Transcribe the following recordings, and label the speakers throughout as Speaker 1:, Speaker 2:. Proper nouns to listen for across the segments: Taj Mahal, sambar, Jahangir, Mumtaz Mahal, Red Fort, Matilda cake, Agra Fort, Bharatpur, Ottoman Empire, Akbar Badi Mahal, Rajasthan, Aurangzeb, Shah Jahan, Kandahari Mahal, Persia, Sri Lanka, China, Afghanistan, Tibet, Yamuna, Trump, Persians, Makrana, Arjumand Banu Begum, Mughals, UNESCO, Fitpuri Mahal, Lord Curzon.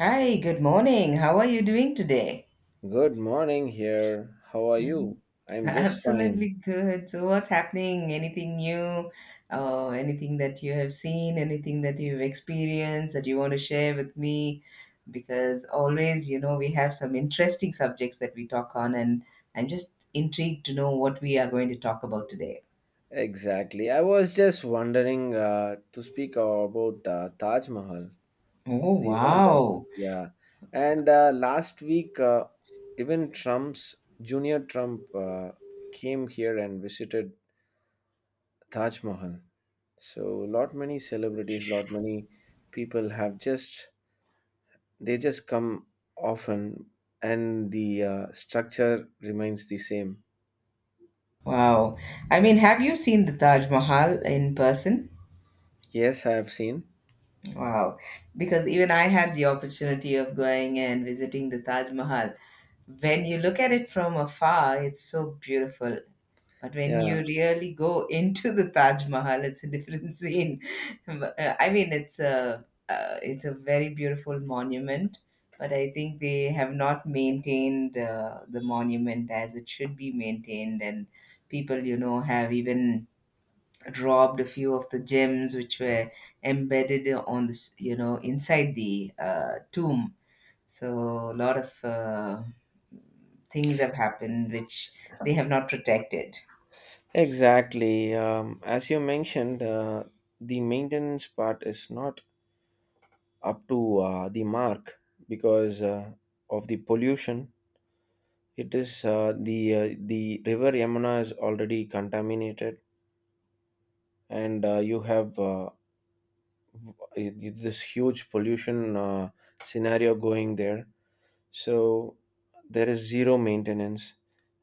Speaker 1: Hi, good morning. How are you doing today?
Speaker 2: Good morning here. How are
Speaker 1: Mhm.
Speaker 2: you? I'm just
Speaker 1: Absolutely
Speaker 2: fine.
Speaker 1: good. So, what's happening? Anything new? Anything that you have seen? Anything that you've experienced that you want to share with me? Because always, you know, we have some interesting subjects that we talk on, and I'm just intrigued to know what we are going to talk about today.
Speaker 2: Exactly. I was just wondering to speak about Taj Mahal,
Speaker 1: Oh,
Speaker 2: the wonder.
Speaker 1: wow.
Speaker 2: Yeah. And last week, even Trump's Junior Trump came here and visited Taj Mahal. So, lot many celebrities, lot many people have just they just come often, and the structure remains the same.
Speaker 1: Wow. I mean, have you seen the Taj Mahal in person?
Speaker 2: Yes, I have seen.
Speaker 1: Wow. Because even I had the opportunity of going and visiting the Taj Mahal. When you look at it from afar, it's so beautiful. But when you
Speaker 2: Yeah,
Speaker 1: really go into the Taj Mahal, it's a different scene. But, I mean, it's a very beautiful monument, but I think they have not maintained the monument as it should be maintained, and people, you know, have even robbed a few of the gems which were embedded on this, you know, inside the tomb. So a lot of things have happened which they have not protected.
Speaker 2: exactly. As you mentioned, the maintenance part is not up to the mark because of the pollution. It is the river Yamuna is already contaminated, and you have this huge pollution scenario going there. So there is zero maintenance,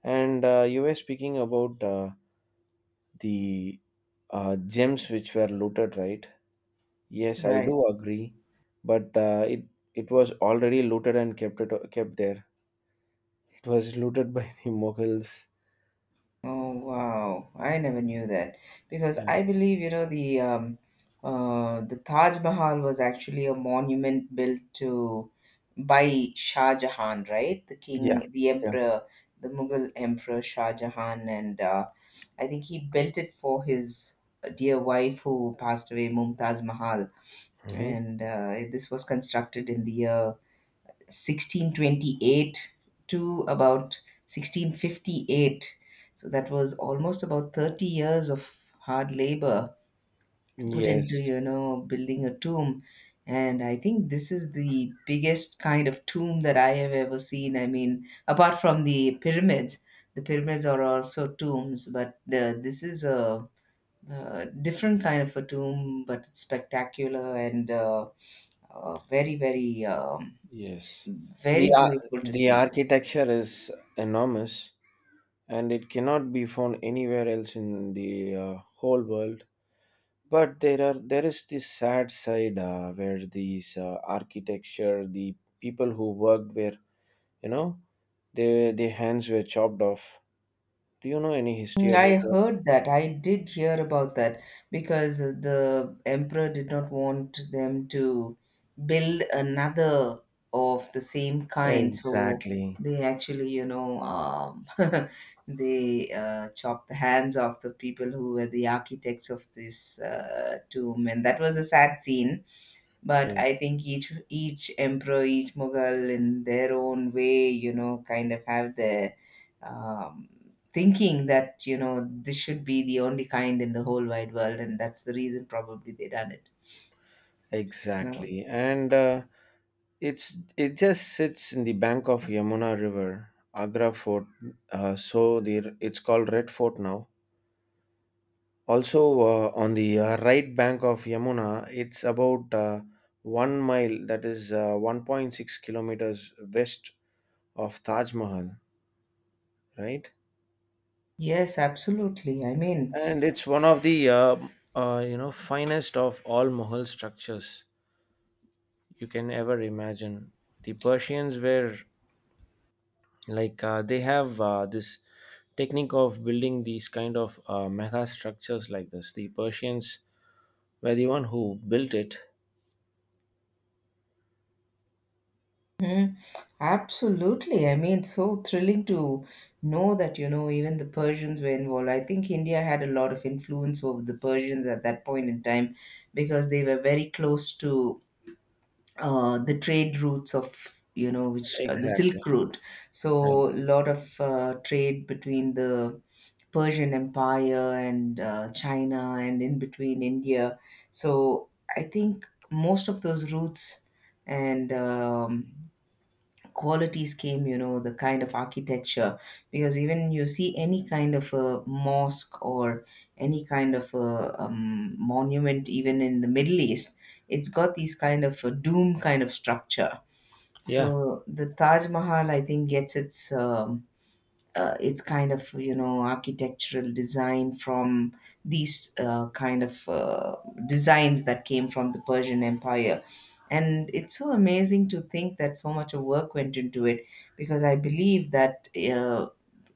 Speaker 2: and you were speaking about the gems which were looted, right? Yes, I
Speaker 1: Right.
Speaker 2: do agree, but it was already looted and kept there. It was looted by the Mughals.
Speaker 1: Oh wow, I never knew that because
Speaker 2: Yeah,
Speaker 1: I believe you know the Taj Mahal was actually a monument built to by Shah Jahan, right? The
Speaker 2: yeah,
Speaker 1: king, the
Speaker 2: yeah.
Speaker 1: emperor, the Mughal emperor Shah Jahan, and I think he built it for his dear wife who passed away, Mumtaz Mahal,
Speaker 2: Hmm.
Speaker 1: and this was constructed in the year 1628 to about 1658, so that was almost about 30 years of hard labor put
Speaker 2: Yes,
Speaker 1: into you know building a tomb. And I think this is the biggest kind of tomb that I have ever seen. I mean, apart from the pyramids, the pyramids are also tombs, but this is a different kind of a tomb, but it's spectacular and very very
Speaker 2: yes. The
Speaker 1: very
Speaker 2: ar-
Speaker 1: beautiful to
Speaker 2: the
Speaker 1: see.
Speaker 2: architecture is enormous, and it cannot be found anywhere else in the whole world. But there is this sad side where these architecture, the people who worked were, you know, their hands were chopped off. Do you know any history
Speaker 1: Mm, I
Speaker 2: about that?
Speaker 1: heard that. I did hear about that because the emperor did not want them to build another of the same kind. So
Speaker 2: Exactly.
Speaker 1: they actually, you know, they chopped the hands off the people who were the architects of this tomb, and that was a sad scene. But
Speaker 2: Yeah,
Speaker 1: I think each emperor, each Mughal, in their own way, you know, kind of have their um, thinking that you know this should be the only kind in the whole wide world, and that's the reason probably they done it. You
Speaker 2: exactly. And it just sits in the bank of Yamuna River, Agra Fort. So the it's called Red Fort now. Also on the right bank of Yamuna, it's about 1 mile. That is 1.6 kilometers west of Taj Mahal, right?
Speaker 1: yes, absolutely, I mean.
Speaker 2: And it's one of the you know finest of all Mughal structures you can ever imagine. The Persians were like they have this technique of building these kind of mega structures like this. The Persians were the one who built it.
Speaker 1: Mhm, absolutely, I mean, so thrilling to know that you know even the Persians were involved. I think India had a lot of influence over the Persians at that point in time because they were very close to the trade routes of you know which the
Speaker 2: Exactly.
Speaker 1: silk route.
Speaker 2: Right.
Speaker 1: So a lot of trade between the Persian Empire and China and in between India. So I think most of those roots and qualities came, you know, the kind of architecture. Because even you see any kind of a mosque or any kind of a monument, even in the Middle East, it's got these kind of a dome kind of structure.
Speaker 2: Yeah,
Speaker 1: So the Taj Mahal, I think, gets its it's kind of you know architectural design from these kind of designs that came from the Persian Empire. And it's so amazing to think that so much of work went into it because I believe that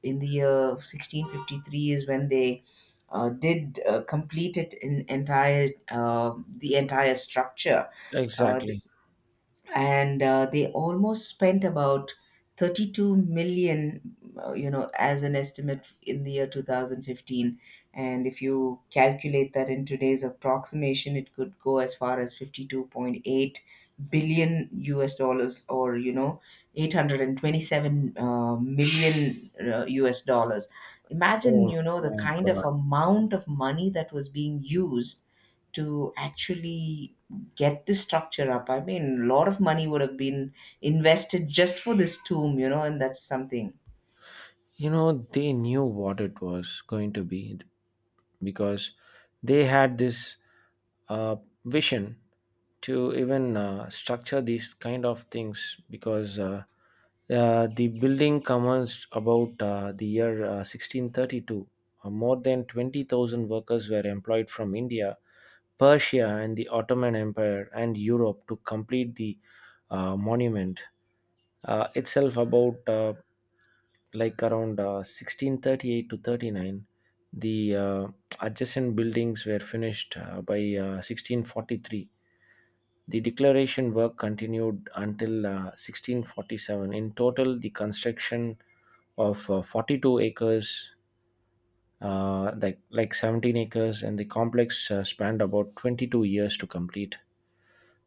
Speaker 1: in the year 1653 is when they did complete it in entire the entire structure. Uh,
Speaker 2: exactly.
Speaker 1: and They almost spent about 32 million you know as an estimate in the year 2015, and if you calculate that in today's approximation it could go as far as 52.8 billion us dollars, or you know 827 million us dollars. Imagine
Speaker 2: Oh
Speaker 1: you know the
Speaker 2: my
Speaker 1: kind of
Speaker 2: God.
Speaker 1: amount of money that was being used to actually get this structure up. I mean, a lot of money would have been invested just for this tomb, you know, and that's something.
Speaker 2: You know, they knew what it was going to be because they had this uh, vision to even structure these kind of things because the building commenced about the year 1632. More than 20,000 workers were employed from India, Persia, and the Ottoman Empire and Europe to complete the monument itself about like around 1638 to 39. The adjacent buildings were finished by 1643. The declaration work continued until 1647. In total, the construction of 42 acres, 17 acres, and the complex spanned about 22 years to complete.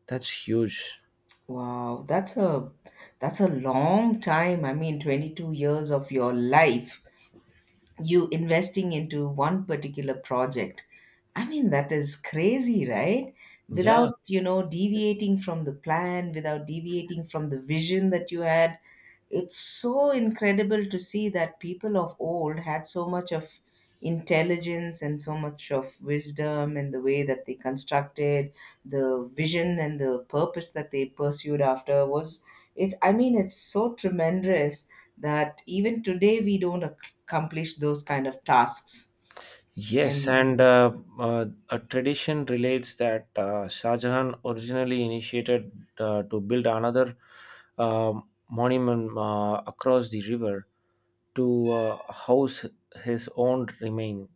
Speaker 2: That's huge.
Speaker 1: Wow, that's a long time. I mean, 22 years of your life you investing into one particular project. I mean, that is crazy, right?
Speaker 2: Yeah.
Speaker 1: Without, you know, deviating from the plan, without deviating from the vision that you had. It's so incredible to see that people of old had so much of intelligence and so much of wisdom, and the way that they constructed the vision and the purpose that they pursued after was it. I mean, it's so tremendous that even today we don't accomplish those kind of tasks
Speaker 2: Yes,
Speaker 1: and
Speaker 2: and a tradition relates that Shah Jahan originally initiated to build another uh, monument across the river to house his own remain.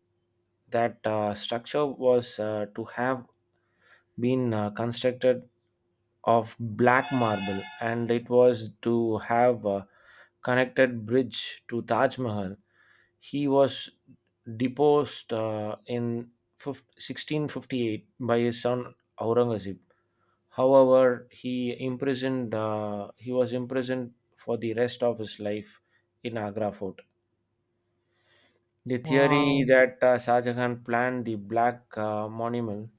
Speaker 2: That structure was to have been constructed of black marble, and it was to have a connected bridge to Taj Mahal. He was deposed in 1658 by his son Aurangzeb. However, he was imprisoned for the rest of his life in Agra fort. The theory
Speaker 1: wow.
Speaker 2: that Shah Jahan planned the Black Monument,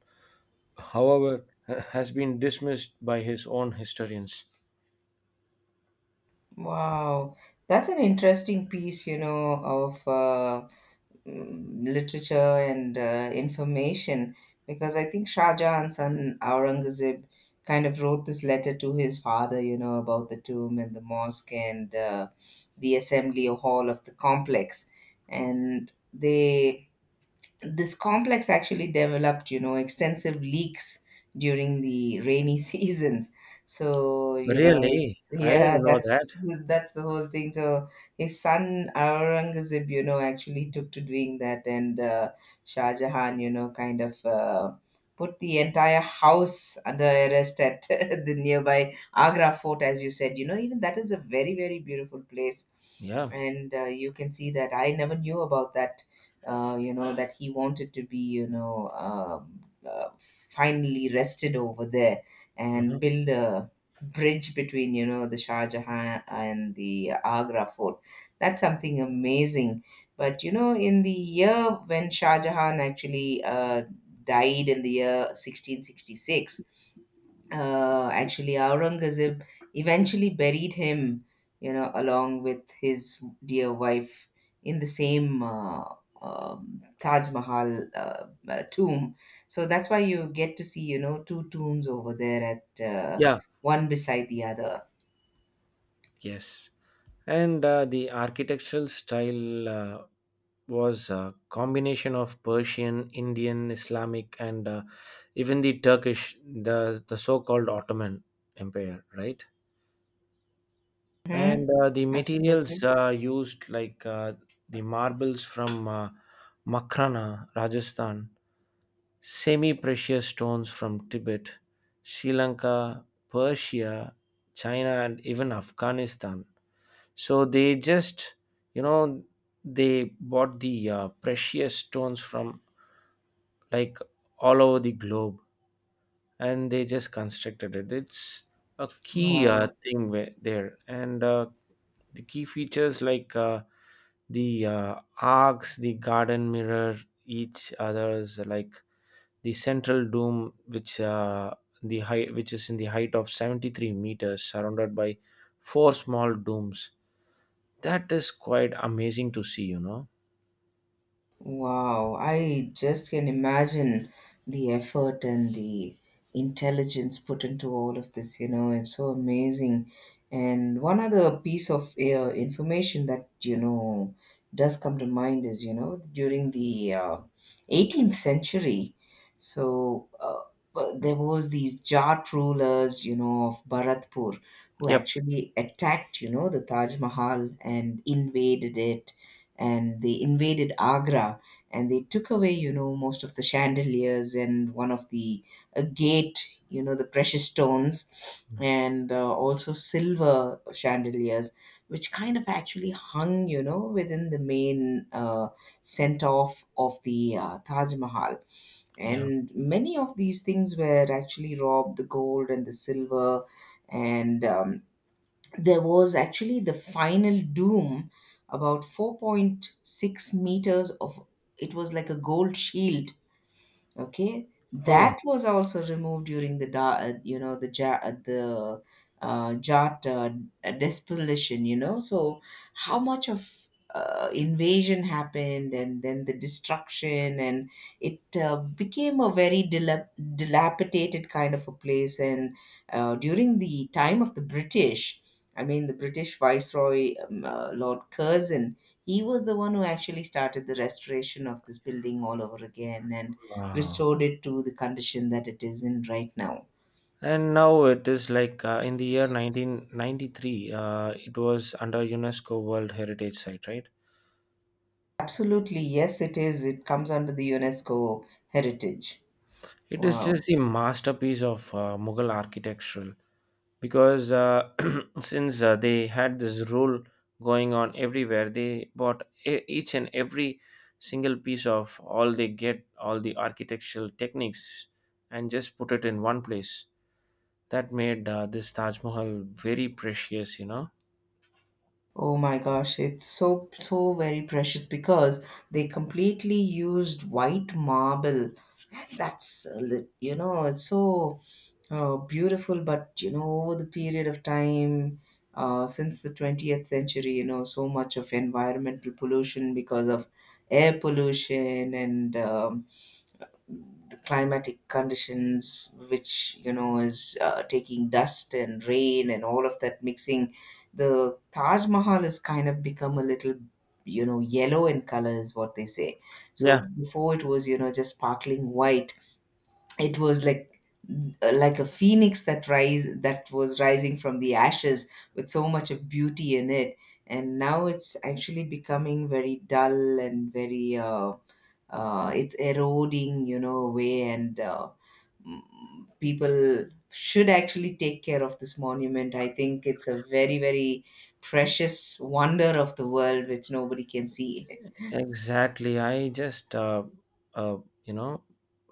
Speaker 2: however, has been dismissed by his own historians.
Speaker 1: Wow, that's an interesting piece, you know, of literature and information because I think Shah Jahan's son Aurangzeb kind of wrote this letter to his father, you know, about the tomb and the mosque and the assembly hall of the complex. And they this complex actually developed you know extensive leaks during the rainy seasons, so you know
Speaker 2: Really,
Speaker 1: his,
Speaker 2: I
Speaker 1: yeah
Speaker 2: didn't know that.
Speaker 1: that's the whole thing. So his son Aurangzeb you know actually took to doing that, and Shah Jahan you know kind of put the entire house under arrest at the nearby Agra fort. As you said, you know, even that is a very very beautiful place,
Speaker 2: Yeah.
Speaker 1: and you can see that. I never knew about that, you know, that he wanted to be, you know, uh, finally rested over there
Speaker 2: Mhm.
Speaker 1: and build a bridge between, you know, the Shah Jahan and the Agra fort. That's something amazing. But, you know, in the year when Shah Jahan actually died in the year 1666, actually Aurangzeb eventually buried him, you know, along with his dear wife in the same Taj Mahal tomb. So that's why you get to see, you know, two tombs over there at
Speaker 2: Yeah.
Speaker 1: one beside the other.
Speaker 2: Yes. And the architectural style was a combination of Persian, Indian, Islamic, and even the Turkish, the so called Ottoman Empire, right?
Speaker 1: Hmm.
Speaker 2: And the
Speaker 1: Absolutely.
Speaker 2: materials used, like the marbles from Makrana, Rajasthan, semi precious stones from Tibet, Sri Lanka, Persia, China, and even Afghanistan. So they just, you know, they bought the precious stones from like all over the globe and they just constructed it. It's a key
Speaker 1: Wow.
Speaker 2: thing where, there, and the key features like the arcs, the garden mirror each others, like the central dome which the height which is in the height of 73 meters surrounded by four small domes. That is quite amazing to see, you know?
Speaker 1: Wow, I just can imagine the effort and the intelligence put into all of this, you know, it's so amazing. And one other piece of information that, you know, does come to mind is, you know, during the 18th century, so but there was these Jat rulers, you know, of Bharatpur who
Speaker 2: Yep.
Speaker 1: actually attacked, you know, the Taj Mahal and invaded it, and they invaded Agra, and they took away, you know, most of the chandeliers and one of the a gate, you know, the precious stones and also silver chandeliers, which kind of actually hung, you know, within the main center of the Taj Mahal.
Speaker 2: Yeah.
Speaker 1: And many of these things were actually robbed, the gold and the silver, and there was actually the final doom about 4.6 meters of it was like a gold shield. Okay, that
Speaker 2: Oh,
Speaker 1: was also removed during the you know the the Jat despolation. You know, so how much of invasion happened, and then the destruction, and it became a very dilapidated kind of a place. And during the time of the British, I mean, the British Viceroy Lord Curzon, he was the one who actually started the restoration of this building all over again, and
Speaker 2: wow.
Speaker 1: restored it to the condition that it is in right now.
Speaker 2: And now it is like in the year 1993, it was under UNESCO World Heritage Site, right?
Speaker 1: Absolutely, yes, it is. It comes under the UNESCO heritage.
Speaker 2: It is just
Speaker 1: Wow.
Speaker 2: the masterpiece of Mughal architectural because since they had this rule going on everywhere, they bought each and every single piece of all they get, all the architectural techniques, and just put it in one place. That made this Taj Mahal very precious, you know?
Speaker 1: Oh my gosh, it's so so very precious because they completely used white marble. And that's a you know, it's so oh beautiful. But you know, the period of time since the 20th century, you know, so much of environmental pollution because of air pollution and the climatic conditions, which, you know, is taking dust and rain and all of that mixing. The Taj Mahal has kind of become a little, you know, yellow in color, is what they say. So
Speaker 2: Yeah.
Speaker 1: before it was, you know, just sparkling white, it was like a phoenix that was rising from the ashes with so much of beauty in it, and now it's actually becoming very dull and very it's eroding you know away and mm, people should actually take care of this monument. I think it's a very very precious wonder of the world which nobody can see.
Speaker 2: Exactly. Uh, you know,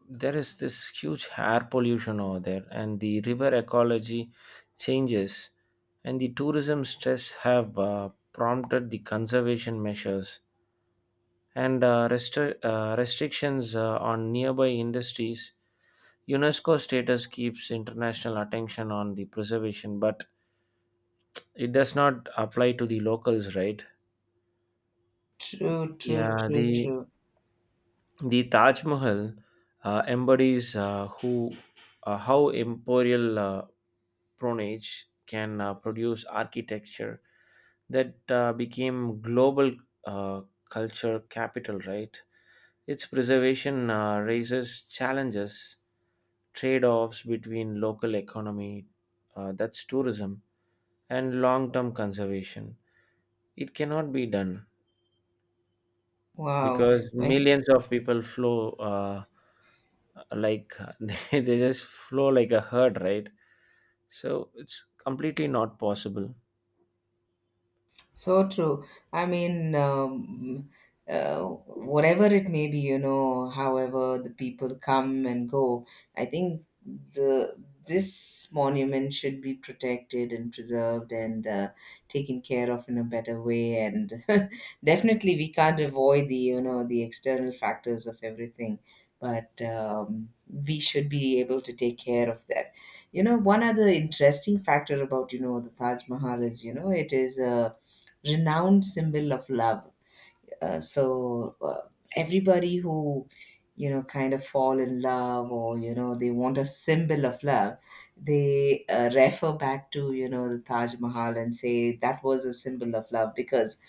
Speaker 2: there is this huge air pollution over there, and the river ecology changes, and the tourism stress have prompted the conservation measures and uh, restrictions on nearby industries. UNESCO status keeps international attention on the preservation, but it does not apply to the locals, right?
Speaker 1: True true
Speaker 2: Yeah,
Speaker 1: true
Speaker 2: the
Speaker 1: true.
Speaker 2: The Taj Mahal embodies who how imperial patronage can produce architecture that became global uh, culture capital. Right, its preservation raises challenges, trade-offs between local economy, that's tourism, and long-term conservation. It cannot be done
Speaker 1: Wow.
Speaker 2: because
Speaker 1: When.
Speaker 2: millions of people flow like they just flow like a herd, right? So it's completely not possible.
Speaker 1: So true. I mean, whatever it may be, you know, however the people come and go, I think the this monument should be protected and preserved and taken care of in a better way. And definitely, we can't avoid the you know the external factors of everything, but we should be able to take care of that. You know, one other interesting factor about you know the Taj Mahal is you know it is a renowned symbol of love. Uh, so uh, everybody who kind of fall in love or they want a symbol of love they refer back to the taj mahal and say that was a symbol of love because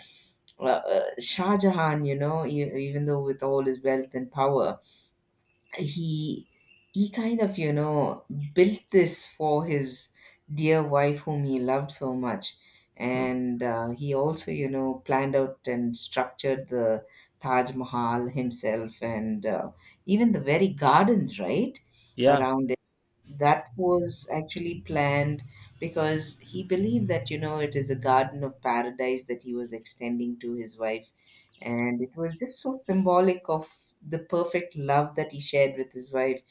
Speaker 1: uh, shah jahan even though with all his wealth and power he he kind of, built this for his dear wife whom he loved so much.
Speaker 2: Hmm.
Speaker 1: And he also planned out and structured the taj mahal himself, and even the very gardens right
Speaker 2: Yeah,
Speaker 1: around, that was actually planned because he believed that it is a garden of paradise that he was extending to his wife, and it was just so symbolic of the perfect love that he shared with his wife.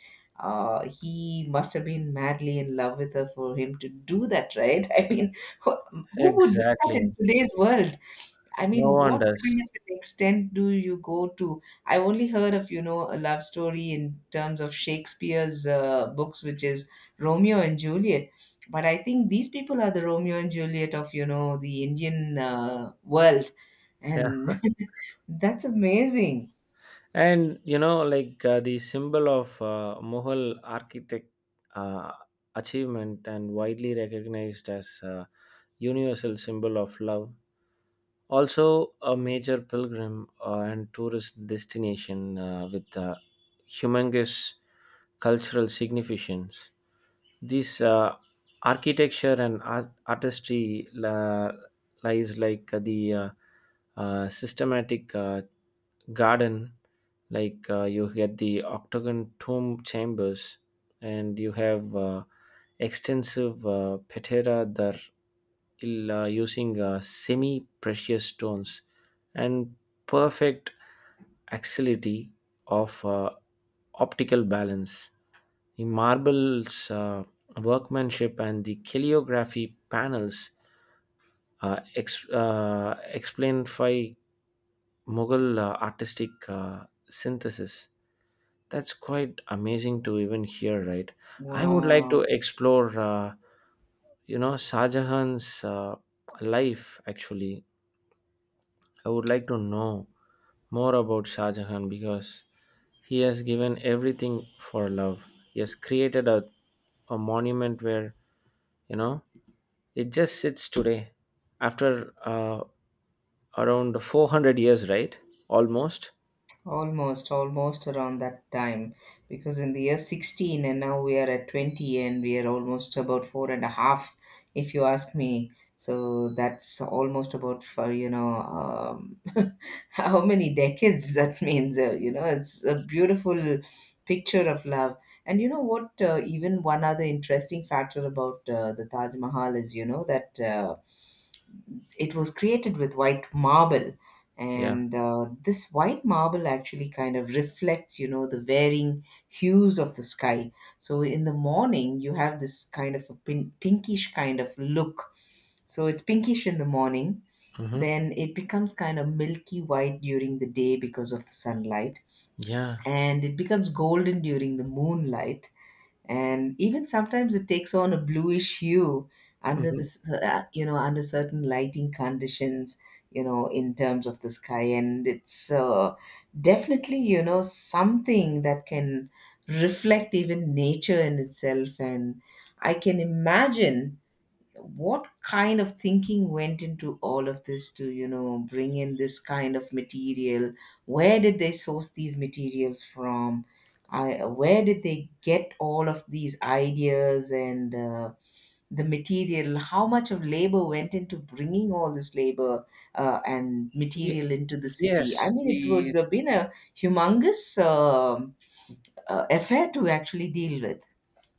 Speaker 1: Uh, he must have been madly in love with her for him to do that, right? I mean, who, who would do that in
Speaker 2: exactly.
Speaker 1: today's world? I
Speaker 2: No
Speaker 1: mean,
Speaker 2: one
Speaker 1: what
Speaker 2: does.
Speaker 1: kind of an extent do you go to? I only heard of, you know, a love story in terms of Shakespeare's books, which is Romeo and Juliet. But I think these people are the Romeo and Juliet of, you know, the Indian world.
Speaker 2: Yeah.
Speaker 1: And that's amazing.
Speaker 2: And you know like the symbol of Mughal architect uh, achievement and widely recognized as a universal symbol of love, also a major pilgrim and tourist destination with humongous cultural significance. This architecture and artistry lies like the systematic garden, like you get the octagon tomb chambers, and you have extensive patera that using semi precious stones and perfect axility of optical balance, the marble's workmanship and the calligraphy panels explained by Mughal artistic synthesis. That's quite amazing to even hear, right? I would like to
Speaker 1: Wow.
Speaker 2: explore, you know, Shah Jahan's life actually. I would like to know more about Shah Jahan because he has given everything for love. He has created a monument where, you know, it just sits today after around 400 years, right? Almost.
Speaker 1: Almost, almost around that time, because in the year 16 and now we are at 20 and we are almost about four and a half, if you ask me. So that's almost about for how many decades that means. You know, it's a beautiful picture of love. And you know what? Even one other interesting factor about the Taj Mahal is that it was created with white marble,
Speaker 2: Yeah.
Speaker 1: and this white marble actually kind of reflects the varying hues of the sky. So in the morning you have this kind of a pinkish kind of look, so it's pinkish in the morning.
Speaker 2: Hmm.
Speaker 1: Then it becomes kind of milky white during the day because of the sunlight,
Speaker 2: Yeah.
Speaker 1: and it becomes golden during the moonlight, and even sometimes it takes on a bluish hue under
Speaker 2: Hmm.
Speaker 1: this you know, under certain lighting conditions, you know, in terms of the sky. And it's definitely, you know, something that can reflect even nature in itself. And I can imagine what kind of thinking went into all of this to, you know, bring in this kind of material. Where did they source these materials from? I, where did they get all of these ideas? And the material, how much of labor went into bringing all this labor and
Speaker 2: Ye-
Speaker 1: material into the city? I
Speaker 2: yes.
Speaker 1: mean, it would
Speaker 2: The
Speaker 1: have been a humongous affair to actually deal with.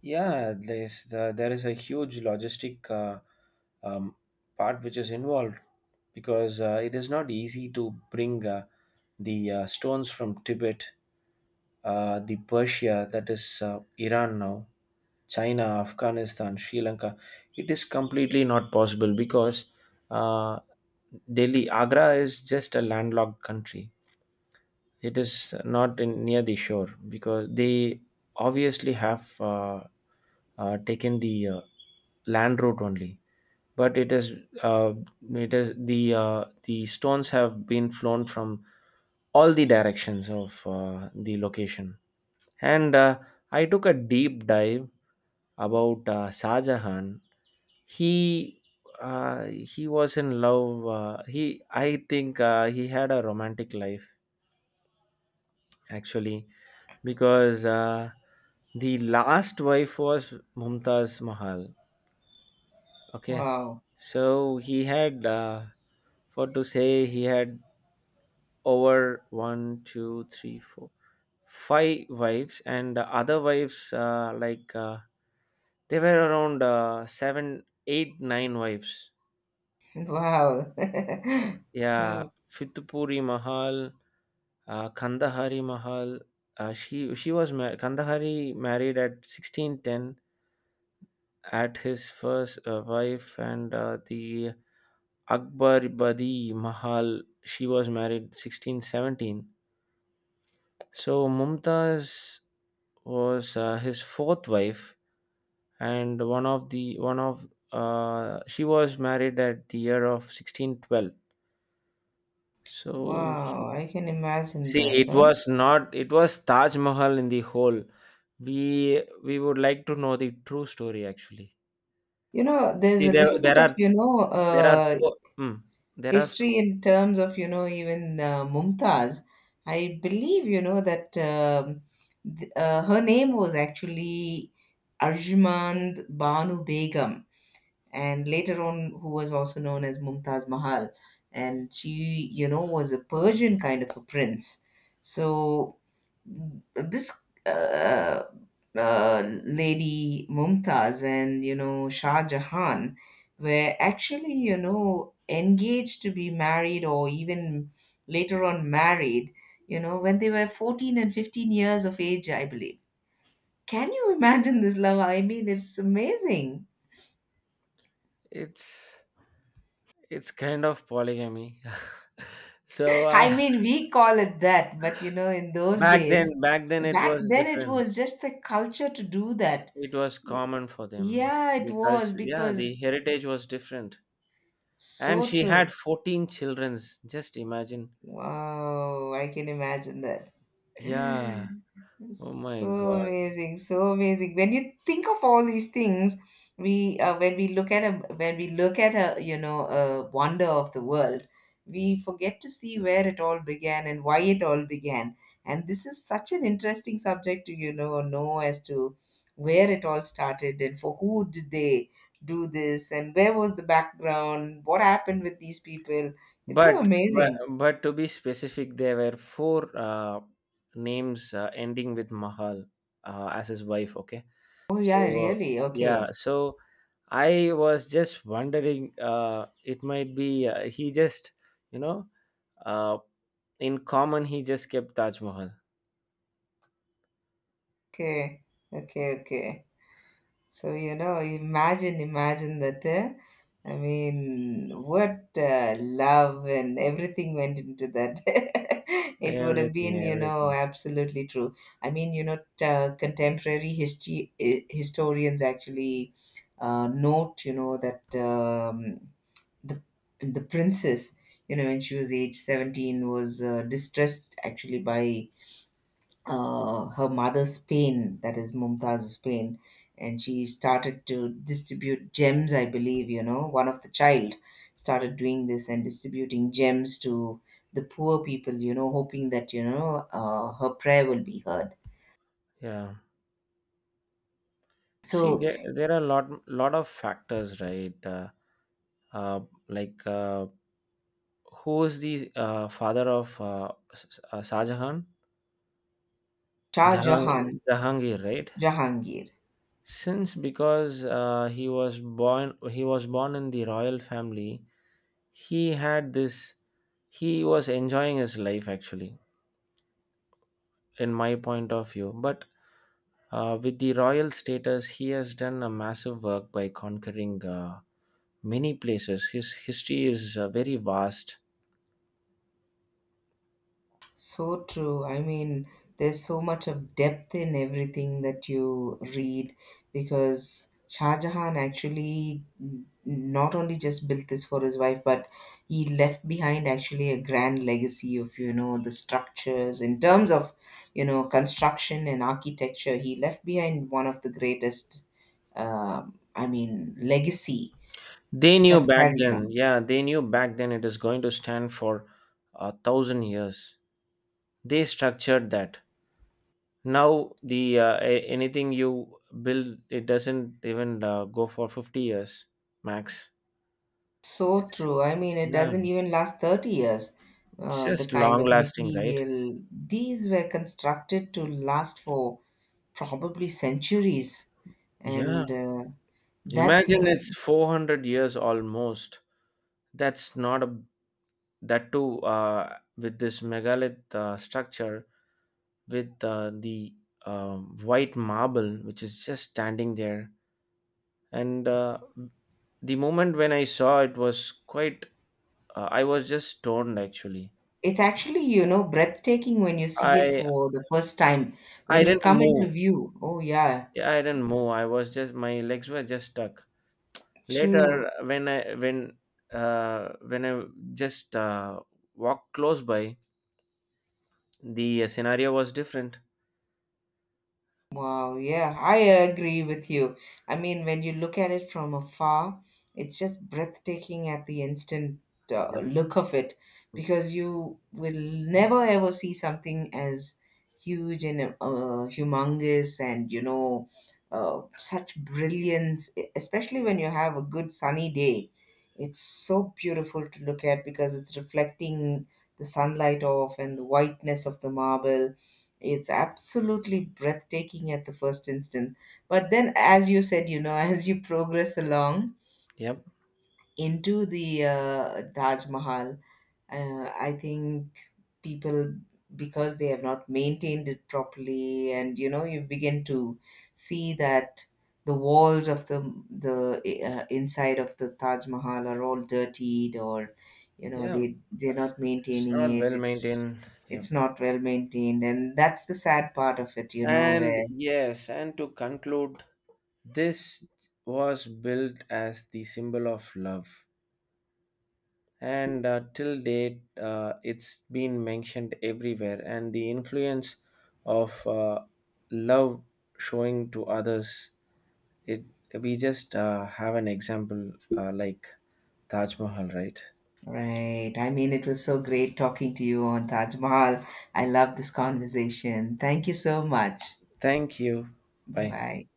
Speaker 2: Yeah, there is a huge logistic um, part which is involved because it is not easy to bring the stones from Tibet, the Persia, that is Iran now, China, Afghanistan, Sri Lanka. It is completely not possible because uh, Delhi, Agra is just a landlocked country. It is not in, near the shore because they obviously have taken the land route only. But uh, it is the stones have been flown from all the directions of the location. And I took a deep dive about Shah Jahan. He he was in love. He, I think he had a romantic life actually because the last wife was Mumtaz Mahal. Okay,
Speaker 1: Wow.
Speaker 2: so he had for to say he had over one, two, three, four, five wives, and the other wives they were around 7, 8, 9 wives.
Speaker 1: Wow.
Speaker 2: Yeah.
Speaker 1: Oh.
Speaker 2: Fitpuri Mahal, Kandahari Mahal, she was Kandahari, married at 1610 at his first wife, and the Akbar Badi Mahal, she was married 1617. So Mumtaz was his fourth wife, and one of she was married at the year of 1612. So she-
Speaker 1: Wow, I can imagine
Speaker 2: see,
Speaker 1: that.
Speaker 2: it
Speaker 1: Huh?
Speaker 2: was not, it was Taj Mahal in the whole. We would like to know the true story actually.
Speaker 1: You know, there's
Speaker 2: see
Speaker 1: a
Speaker 2: there
Speaker 1: little bit
Speaker 2: there
Speaker 1: of,
Speaker 2: are
Speaker 1: you know,
Speaker 2: there are four mm, there are
Speaker 1: history
Speaker 2: four.
Speaker 1: in terms of, you know, even Mumtaz. I believe, you know, that th her name was actually Arjumand Banu Begum, and later on, who was also known as Mumtaz Mahal. And she, you know, was a Persian kind of a prince. So this lady Mumtaz and, you know, Shah Jahan were actually, you know, engaged to be married or even later on married, you know, when they were 14 and 15 years of age, I believe. Can you imagine this love? I mean, it's amazing.
Speaker 2: It's kind of polygamy. So
Speaker 1: I mean, we call it that, but you know, in those
Speaker 2: back then
Speaker 1: days,
Speaker 2: back then it
Speaker 1: back
Speaker 2: was
Speaker 1: then it
Speaker 2: different.
Speaker 1: was just the culture to do that.
Speaker 2: It was common for them.
Speaker 1: Yeah, it
Speaker 2: The
Speaker 1: was
Speaker 2: culture, yeah, the
Speaker 1: because...
Speaker 2: heritage was different. And
Speaker 1: So
Speaker 2: she had
Speaker 1: true.
Speaker 2: 14 childrens, just imagine.
Speaker 1: Wow, I can imagine that.
Speaker 2: Yeah. Oh my
Speaker 1: So
Speaker 2: God.
Speaker 1: amazing, so amazing. When you think of all these things, we when we look at a, you know, a wonder of the world, we forget to see where it all began and why it all began. And this is such an interesting subject to, you know as to where it all started and for who did they do this, and where was the background, what happened with these people. It's so
Speaker 2: but but
Speaker 1: amazing.
Speaker 2: but to be specific, there were four names ending with Mahal as his wife, okay?
Speaker 1: Oh
Speaker 2: so
Speaker 1: yeah, really.
Speaker 2: yeah
Speaker 1: Okay,
Speaker 2: so I was just wondering it might be he just, you know, uh, in common he just kept Taj Mahal.
Speaker 1: okay, okay, okay. So, you know, imagine, imagine that. I mean, what love and everything went into that. It would have
Speaker 2: Everything,
Speaker 1: been, you know,
Speaker 2: everything.
Speaker 1: absolutely true. I mean, you know, contemporary history historians actually note, you know, that the the princess, you know, when she was age 17, was distressed actually by her mother's pain, that is Mumtaz's pain, and she started to distribute gems, I believe, you know, one of the child started doing this and distributing gems to the poor people, you know, hoping that, you know, her prayer will be heard.
Speaker 2: Yeah, see,
Speaker 1: So
Speaker 2: there are a lot of factors, right? Uh, like uh, who is the father of Shah Jahan?
Speaker 1: Shah Jahan,
Speaker 2: Jahangir, right?
Speaker 1: Jahangir.
Speaker 2: Since because he was born in the royal family. He had this. He was enjoying his life actually, in my point of view. But with the royal status, he has done a massive work by conquering many places. His history is very vast.
Speaker 1: So true. I mean, there's so much of depth in everything that you read, because Shah Jahan actually not only just built this for his wife, but he left behind actually a grand legacy of, you know, the structures in terms of, you know, construction and architecture. He left behind one of the greatest, um, I mean, legacy
Speaker 2: They
Speaker 1: that
Speaker 2: knew back
Speaker 1: carries on.
Speaker 2: then, yeah, they knew back then it is going to stand for a thousand years. They structured that. Now anything you build, it doesn't even go for 50 years max.
Speaker 1: So
Speaker 2: S-
Speaker 1: true. I mean, it
Speaker 2: Yeah,
Speaker 1: doesn't even last 30 years.
Speaker 2: it's
Speaker 1: The
Speaker 2: just
Speaker 1: kind
Speaker 2: long
Speaker 1: of
Speaker 2: lasting, right?
Speaker 1: material, these were constructed to last for probably centuries.
Speaker 2: Yeah,
Speaker 1: And that's,
Speaker 2: imagine it's 400 years almost. That's not a, that too with this megalith structure with the white marble which is just standing there. And the moment when I saw it was quite I was just stoned actually.
Speaker 1: it's actually, you know, breathtaking when you see it
Speaker 2: i
Speaker 1: for the first time, when
Speaker 2: i
Speaker 1: you
Speaker 2: didn't
Speaker 1: come into
Speaker 2: move
Speaker 1: view. Oh, yeah,
Speaker 2: Yeah, I didn't move, I was just, my legs were just stuck.
Speaker 1: true.
Speaker 2: Later, when i when when I just walked close by, the scenario was different.
Speaker 1: Wow, yeah, I agree with you. I mean, when you look at it from afar, it's just breathtaking at the instant
Speaker 2: Yep.
Speaker 1: look of it, because you will never ever see something as huge and humongous and, you know, such brilliance, especially when you have a good sunny day. It's so beautiful to look at because it's reflecting the sunlight off, and the whiteness of the marble, it's absolutely breathtaking at the first instant. But then, as you said, you know, as you progress along
Speaker 2: Yep.
Speaker 1: into the Taj Mahal, I think people, because they have not maintained it properly, and you know, you begin to see that the walls of the inside of the Taj Mahal are all dirtied, or you know,
Speaker 2: Yeah,
Speaker 1: they're not
Speaker 2: it's
Speaker 1: maintaining
Speaker 2: not
Speaker 1: it.
Speaker 2: well
Speaker 1: It's
Speaker 2: maintained. Yep.
Speaker 1: it's not well maintained, and that's the sad part of it. You know
Speaker 2: And
Speaker 1: where.
Speaker 2: yes, and to conclude, this was built as the symbol of love, and till date it's been mentioned everywhere, and the influence of love showing to others, it, we just have an example like Taj Mahal, right?
Speaker 1: Right. I mean, it was so great talking to you on Taj Mahal. I love this conversation. Thank you so much.
Speaker 2: Thank you.
Speaker 1: Bye
Speaker 2: Bye.
Speaker 1: bye.